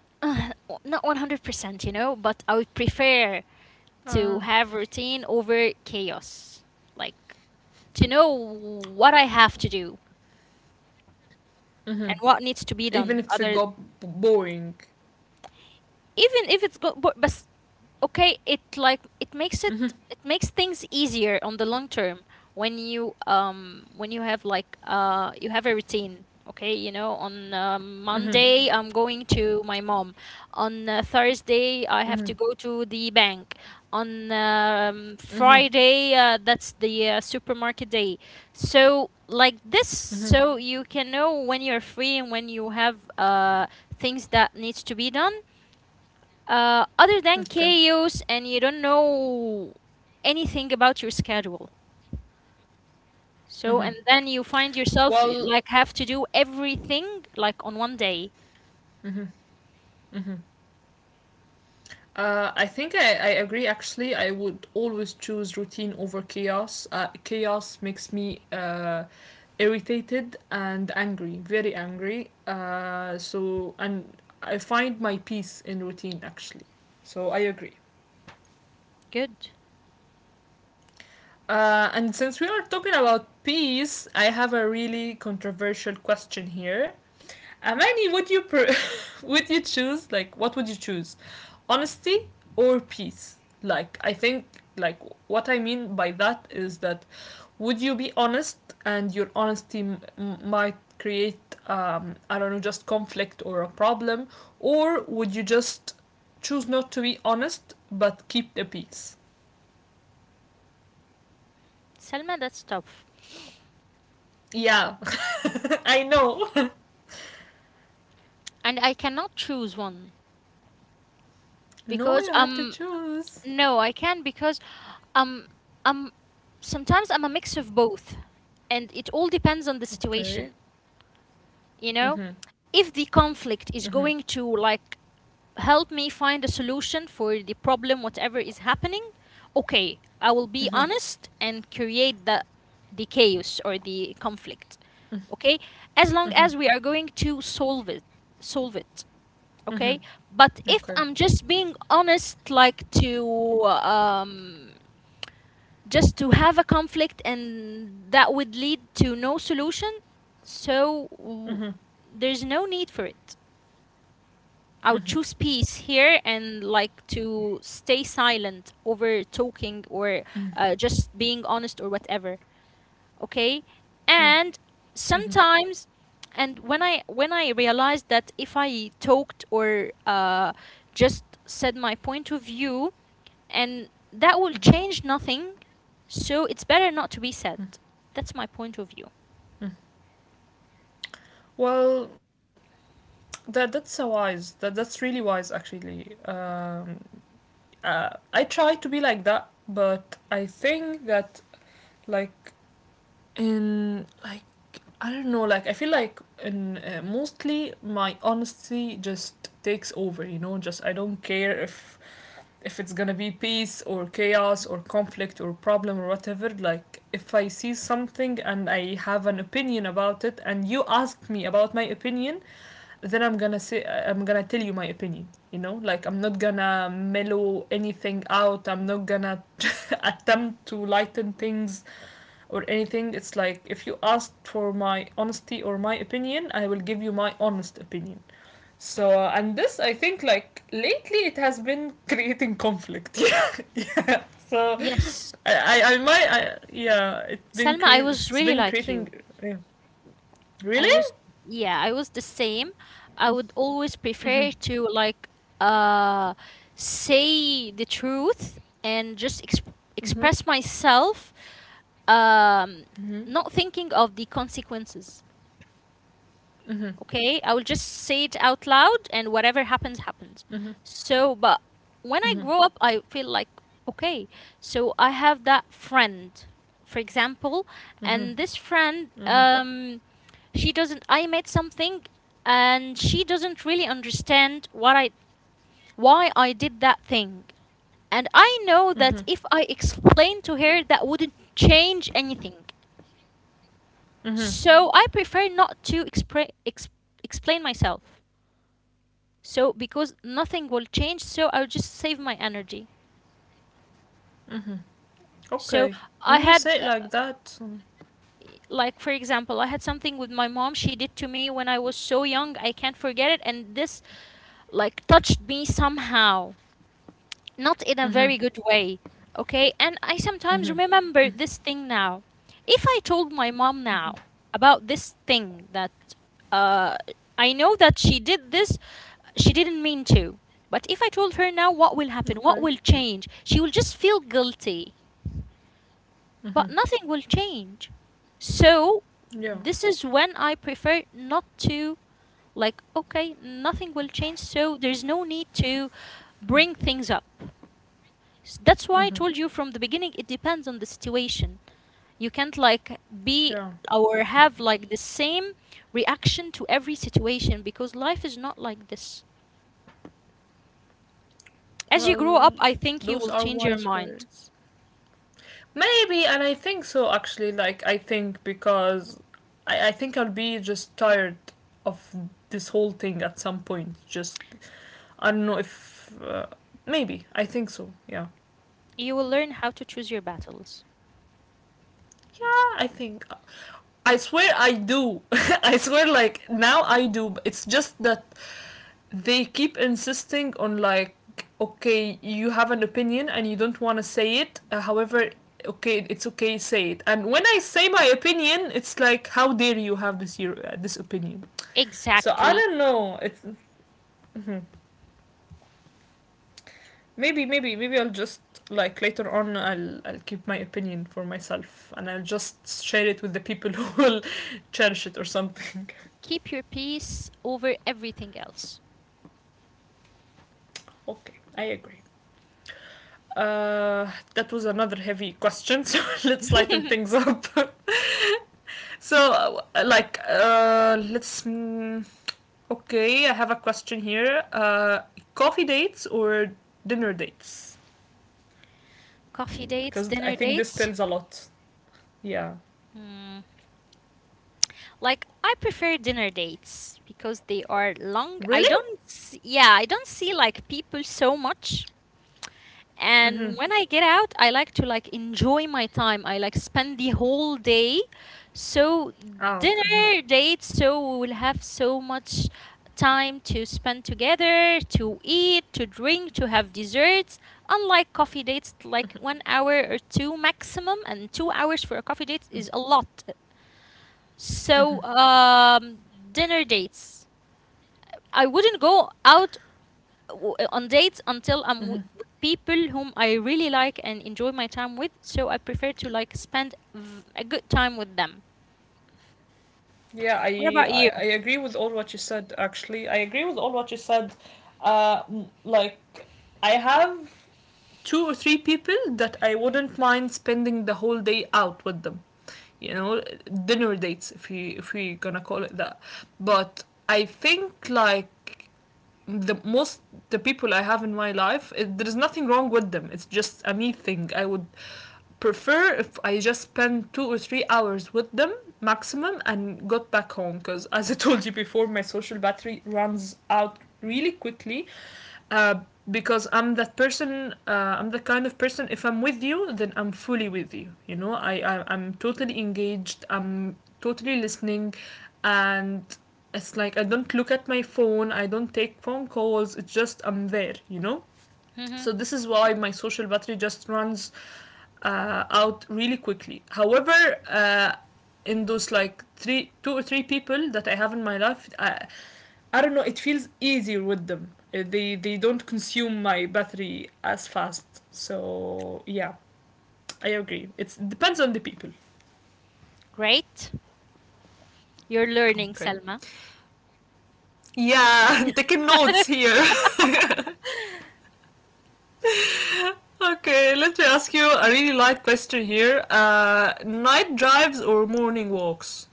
*laughs* uh, not 100%, you know, but I would prefer
Uh,
to have routine over chaos. Like to know what I have to do
mm-hmm.
and what needs to be
Even
done
if it
other,
got boring.
even if it's go but okay, it makes
Mm-hmm.
it makes things easier on the long term when you have like you have a routine. Okay, you know, on
Mm-hmm.
Monday I'm going to my mom, on Thursday I have
Mm-hmm.
to go to the bank, on
Mm-hmm.
Friday that's the supermarket day. So like this,
Mm-hmm.
so you can know when you're free and when you have things that needs to be done, other than
Okay.
chaos, and you don't know anything about your schedule. So, and then you find yourself
Well,
like have to do everything like on one day.
I think I agree. Actually, I would always choose routine over chaos. Chaos makes me irritated and angry, very angry. So, and I find my peace in routine, actually. So, I agree.
Good.
And since we are talking about peace, I have a really controversial question here. Amani, *laughs* would you choose, like, what would you choose, honesty or peace? Like I think, like, what I mean by that is that would you be honest and your honesty might create, I don't know, just conflict or a problem. Or would you just choose not to be honest but keep the peace?
Selma, that's tough.
Yeah, *laughs* I know.
And I cannot choose one
*laughs* No,
because
you have to choose.
no, I can because um um sometimes I'm a mix of both, and it all depends on the situation,
Okay.
you know?
Mhm.
If the conflict is
Mhm.
going to like help me find a solution for the problem, whatever is happening, okay, I will be
Mhm.
honest and create the chaos or the conflict.
Mhm.
Okay, as long
Mhm.
as we are going to solve it, solve it.
Mhm.
Okay, but if
Okay.
I'm just being honest like to just to have a conflict, and that would lead to no solution, so
Mm-hmm.
there's no need for it. I'll
Mm-hmm.
choose peace here and like to stay silent over talking or just being honest or whatever. Okay,
Mm-hmm.
and
Mm-hmm.
sometimes, and when I realized that if I talked or just said my point of view, and that will
Mm-hmm.
change nothing, so it's better not to be said. That's my point of view.
Mm-hmm. Well, that's so wise. That's really wise, actually. Uh, I try to be like that, but I think that, like, in like, I don't know. Like I feel like in mostly my honesty just takes over. You know, just I don't care if it's gonna be peace or chaos or conflict or problem or whatever. Like, if I see something and I have an opinion about it and you ask me about my opinion, then I'm gonna tell you my opinion. You know, like, I'm not gonna mellow anything out. I'm not gonna *laughs* attempt to lighten things or anything. It's like if you ask for my honesty or my opinion, I will give you my honest opinion. So and this I think, like, lately it has been *laughs* creating conflict. So
Yes,
I might, yeah,
Salma, I was
it's
really
been
like
creating,
you.
yeah.
I
Really?
was, yeah, I was the same. I would always prefer to like uh say the truth and just
Mm-hmm.
express myself, um,
Mm-hmm.
not thinking of the consequences.
Mm-hmm.
Okay, I will just say it out loud and whatever happens happens.
Mm-hmm.
So but when I
Mm-hmm.
grow up I feel like okay, so I have that friend, for example,
Mm-hmm.
and this friend
Mm-hmm.
she doesn't I made something, and she doesn't really understand what I why I did that thing, and I know that if I explain to her that wouldn't change anything, so I prefer not to explain myself. So because nothing will change, so I'll just save my energy. So
Okay.
I
When you
had
say it like that.
like for example I had something with my mom she did to me when I was so young I can't forget it, and this like touched me somehow, not in a
Mm-hmm.
very good way. Okay, and I sometimes
Mm-hmm.
remember
Mm,
this thing now. If I told my mom now about this thing that uh, I know that she did this, she didn't mean to. But if I told her now, what will happen?
okay.
What will change? She will just feel guilty,
Mm-hmm.
but nothing will change. So
Yeah.
this is when I prefer not to like okay, nothing will change, so there's no need to bring things up. That's why I
Mm-hmm.
told you from the beginning, it depends on the situation. You can't like be
Yeah.
or have like the same reaction to every situation because life is not like this. As you grow
Well,
up, I think you
those
will
are
change your
wise
mind.
words. Maybe, and I think so actually. Like I think because I think I'll be just tired of this whole thing at some point. Just I don't know if maybe I think so. Yeah,
You will learn how to choose your battles.
yeah, I think. I swear I do. *laughs* I swear, like now I do. It's just that they keep insisting on, like, okay, you have an opinion and you don't want to say it. However, okay, it's okay, say it. And when I say my opinion, it's like, how dare you have this opinion? So I
Exactly.
don't know. It's. Mhm. Maybe, maybe, maybe I'll just, like, later on. I'll keep my opinion for myself, and I'll just share it with the people *laughs* who will cherish it or something. *laughs*
Keep your peace over everything else.
Okay, I agree. Uh, that was another heavy question, so *laughs* let's lighten things up. *laughs* So, like, let's. Okay, I have a question here. Coffee dates or dinner dates?
Coffee dates,
Because I
dinner
think this
dates.
tells a lot. Yeah.
Hmm. Like I prefer dinner dates because they are long. I
Really?
don't, s- Yeah, I don't see like people so much,
Mm-hmm.
and when I get out I like to like enjoy my time, I like spend the whole day. So
Out. Mhm.
dinner date, so we will have so much time to spend together, to eat, to drink, to have desserts, unlike coffee dates like one hour or two maximum, and 2 hours for a coffee date is a lot. So dinner dates. I wouldn't go out on dates until I'm with people whom I really like and enjoy my time with. So I prefer to like spend a good time with them.
Yeah,
What
I,
about
I
you?
I agree with all what you said. Actually, I agree with all what you said. Like, I have two or three people that I wouldn't mind spending the whole day out with them. You know, dinner dates if we gonna call it that. But I think like the most the people I have in my life, there is nothing wrong with them. It's just a me thing. I would prefer if I just spend 2 or 3 hours with them maximum and got back home because, as I *laughs* told you before, my social battery runs out really quickly, uh, because I'm that person. I'm the kind of person. If I'm with you, then I'm fully with you. You know, I'm totally engaged. I'm totally listening, and it's like I don't look at my phone. I don't take phone calls. It's just I'm there. You know.
Hmm.
So this is why my social battery just runs out really quickly. However, uh, in those, like, two or three people that I have in my life, I don't know. It feels easier with them. They don't consume my battery as fast. So yeah, I agree. It depends on the people.
Great. You're learning,
Okay.
Selma.
Yeah, *laughs* taking notes here. *laughs* Okay, let me ask you a really light question here. Night drives or morning walks?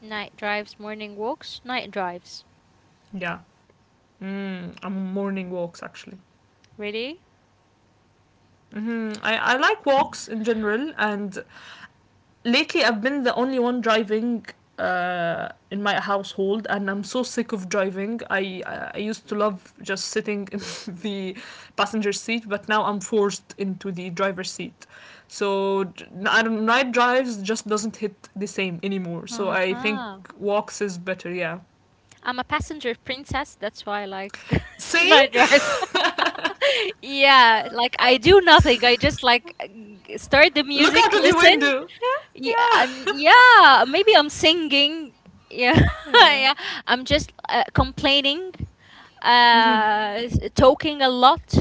Night drives, morning walks, night drives.
Yeah. I'm morning walks actually.
Really?
Hmm, I like walks in general, and lately I've been the only one driving in my household, and I'm so sick of driving. I used to love just sitting in *laughs* the passenger seat, but now I'm forced into the driver's seat. So I don't- night drives just doesn't hit the same anymore. So I think
Uh-huh.
walks is better. Yeah.
I'm a passenger princess. That's why I like *laughs*
See,
night drives. *laughs* Yeah, like I do nothing. I just like start the
*laughs* look out
music,
of the
listen.
window. Yeah,
Yeah, and
yeah,
yeah, maybe I'm singing. Yeah, *laughs*
yeah.
yeah. I'm just complaining, talking a lot,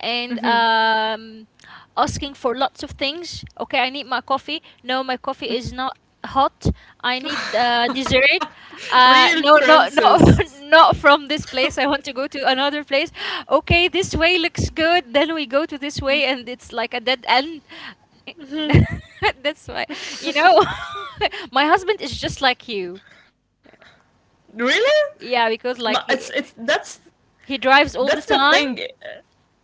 and
Mm-hmm.
asking for lots of things. Okay, I need my coffee. No, my coffee is not hot. I need dessert.
Real
No, no, no,
princess.
*laughs* not from this place. I want to go to another place. Okay, this way looks good. Then we go to this way, and it's like a dead end. *laughs* That's why, you know, *laughs* my husband is just like you.
Really?
Yeah, because like
It's
he drives all the
that's the
time,
thing.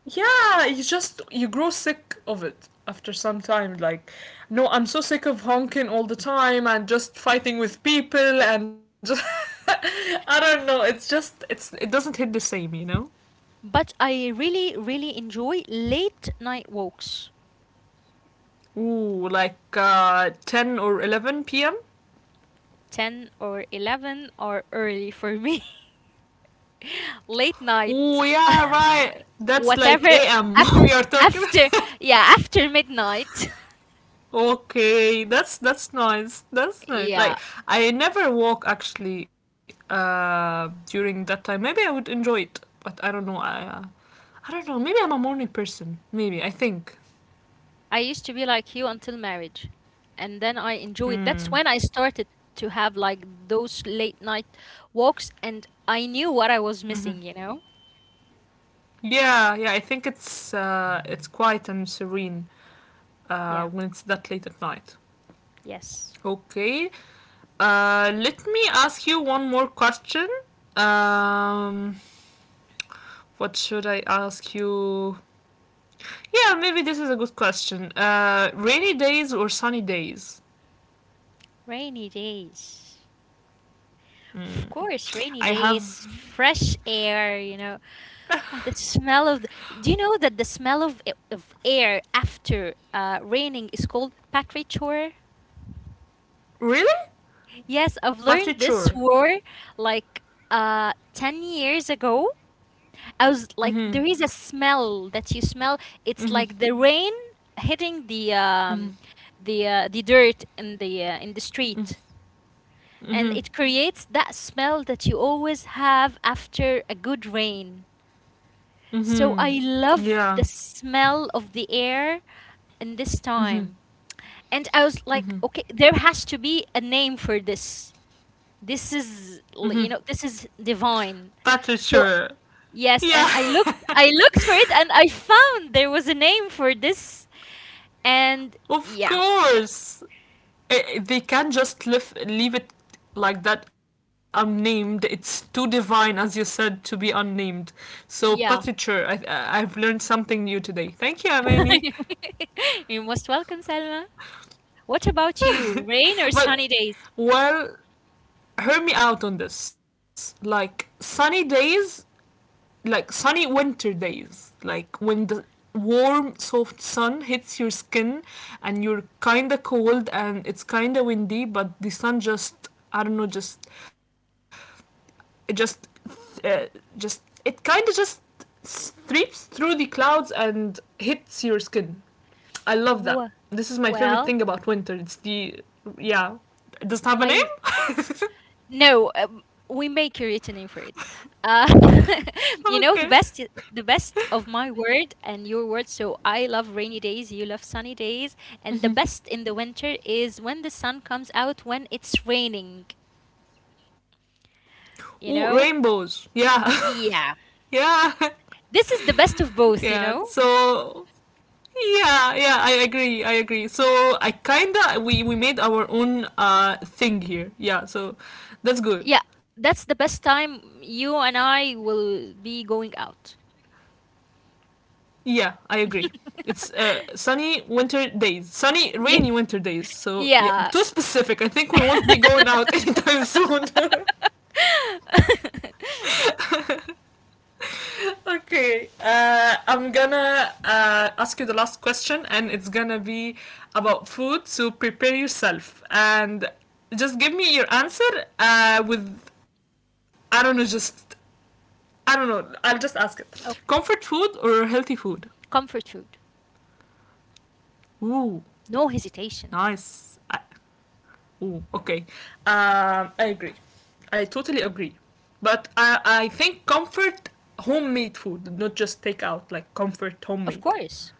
Yeah, you grow sick of it after some time. Like, no, I'm so sick of honking all the time and just fighting with people and just *laughs* I don't know. It's just it's It doesn't hit the same.
but I really really enjoy late night walks.
Ooh, like 10 or 11 p.m.
10 or 11 are early for me. *laughs* Late
Ooh,
night.
yeah,
*laughs*
right. That's like
Whatever
a.m. *laughs*
af
we are talking. *laughs*
after yeah, after midnight.
Okay, that's nice.
*laughs*
That's nice.
Yeah,
Like I never walk actually during that time. Maybe I would enjoy it, but I don't know. I don't know. Maybe I'm a morning person. Maybe, I think.
I used to be like you until marriage. And then I enjoyed. That's
Mm.
when I started to have like those late night walks and I knew what I was missing, you know?
Yeah, yeah. I think it's quiet and serene
Yeah.
when it's that late at night.
Yes.
Okay. Let me ask you one more question. Um, what should I ask you? Yeah, maybe this is a good question. Rainy days or sunny days?
Rainy days. Of course, rainy
I
days,
have
fresh air, you know. Oh, the smell of the, do you know that the smell of of air after raining is called patrichor?
really
Yes, I've learned
Patrick
this
Shore.
word like 10 years ago. I was like,
Mm-hmm.
there is a smell that you smell. It's
Mm-hmm.
like the rain hitting
Mm-hmm.
the dirt in the street, and
Mm-hmm.
it creates that smell that you always have after a good rain. So I
Mm-hmm.
love the
Yeah.
smell of the air in this time. And I was like, okay, there has to be a name for this. This
Mm-hmm.
is, you know, this is
Patrick
divine.
Shore.
So
Yeah,
yes, and I looked, I looked for it and I found there was a name for this, and
*laughs* of
yeah.
course. They can't just leave it like that unnamed. It's too divine, as you said, to be unnamed. So
Yeah.
Patrick Shore, I've learned something new today. Thank you,
*laughs*
Amani.
You're most welcome, Selma. What about you? Rain or sunny days?
But, well, hear me out on this. Like sunny days, like sunny winter days, like when the warm soft sun hits your skin and you're kind of cold and it's kind of windy, but the sun just, I don't know, just it just uh, just it kind of just streaks through the clouds and hits your skin. I
Wh-
love that. This is my
well,
favorite thing about winter. It's the Yeah, it
my
doesn't have a name.
No, we may create a name for it. Uh, *laughs* you
*laughs*
know
Okay.
the best of my word and your word. So I love rainy days, you love sunny days, and the best in the winter is when the sun comes out when it's raining. You
Ooh,
know.
rainbows, yeah.
Yeah.
*laughs* Yeah,
This is the best of
*laughs*
both, you
yeah.
know?
So yeah, yeah. I agree. I agree. So, I kinda we made our own thing here. Yeah. So that's good.
Yeah. That's the best time you and I will be going out.
Yeah, I agree. It's sunny winter days, sunny
Yeah.
rainy winter days. So yeah,
Yeah.
too specific. I think we won't be going out *laughs* anytime soon. *laughs*
*laughs*
Okay, I'm gonna ask you the last question, and it's gonna be about food. So prepare yourself, and just give me your answer with I don't know, just I don't know. I'll just ask it: comfort
Okay.
food or healthy food?
Comfort food.
Ooh,
No hesitation.
nice. Ooh, okay. I agree. I totally agree. But I think comfort homemade food, not just takeout, like comfort
Of
homemade.
course.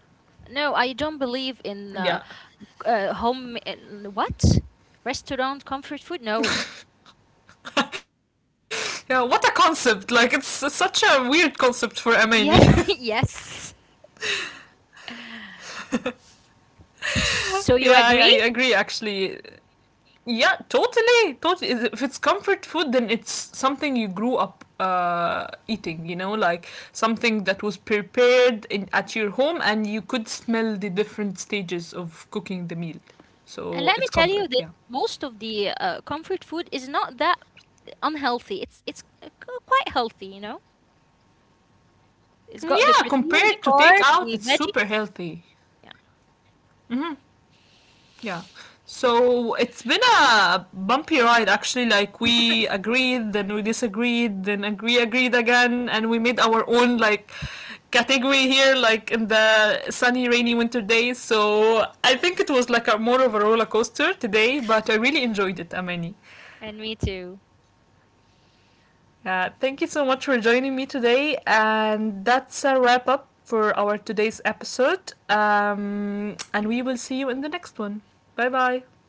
No, I don't believe in
Yeah,
home. What? Restaurant comfort food? No.
yeah, what a concept! Like, it's such a weird concept for a mania.
Yeah. *laughs* Yes. So
*laughs*
you
Yeah,
agree?
I agree, actually. Yeah, totally, totally. If it's comfort food, then it's something you grew up eating, like something that was prepared at your home, and you could smell the different stages of cooking the meal.
And
So
let me
it's
tell
comfort,
you this:
yeah.
most of the comfort food is not that unhealthy. It's quite healthy, you know.
Mm, yeah,
It's got the
compared to
protein, the
takeout, it's
carb, the
super healthy.
veggies. Yeah,
Yeah. So it's been a bumpy ride actually. Like, we agreed, then we disagreed, then agreed again, and we made our own, like, category here, like in the sunny, rainy winter days. So I think it was like a more of a roller coaster today, but I really enjoyed it, Amani.
and me too.
Thank you so much for joining me today, and that's a wrap up for our today's episode. And we will see you in the next one. Bye bye.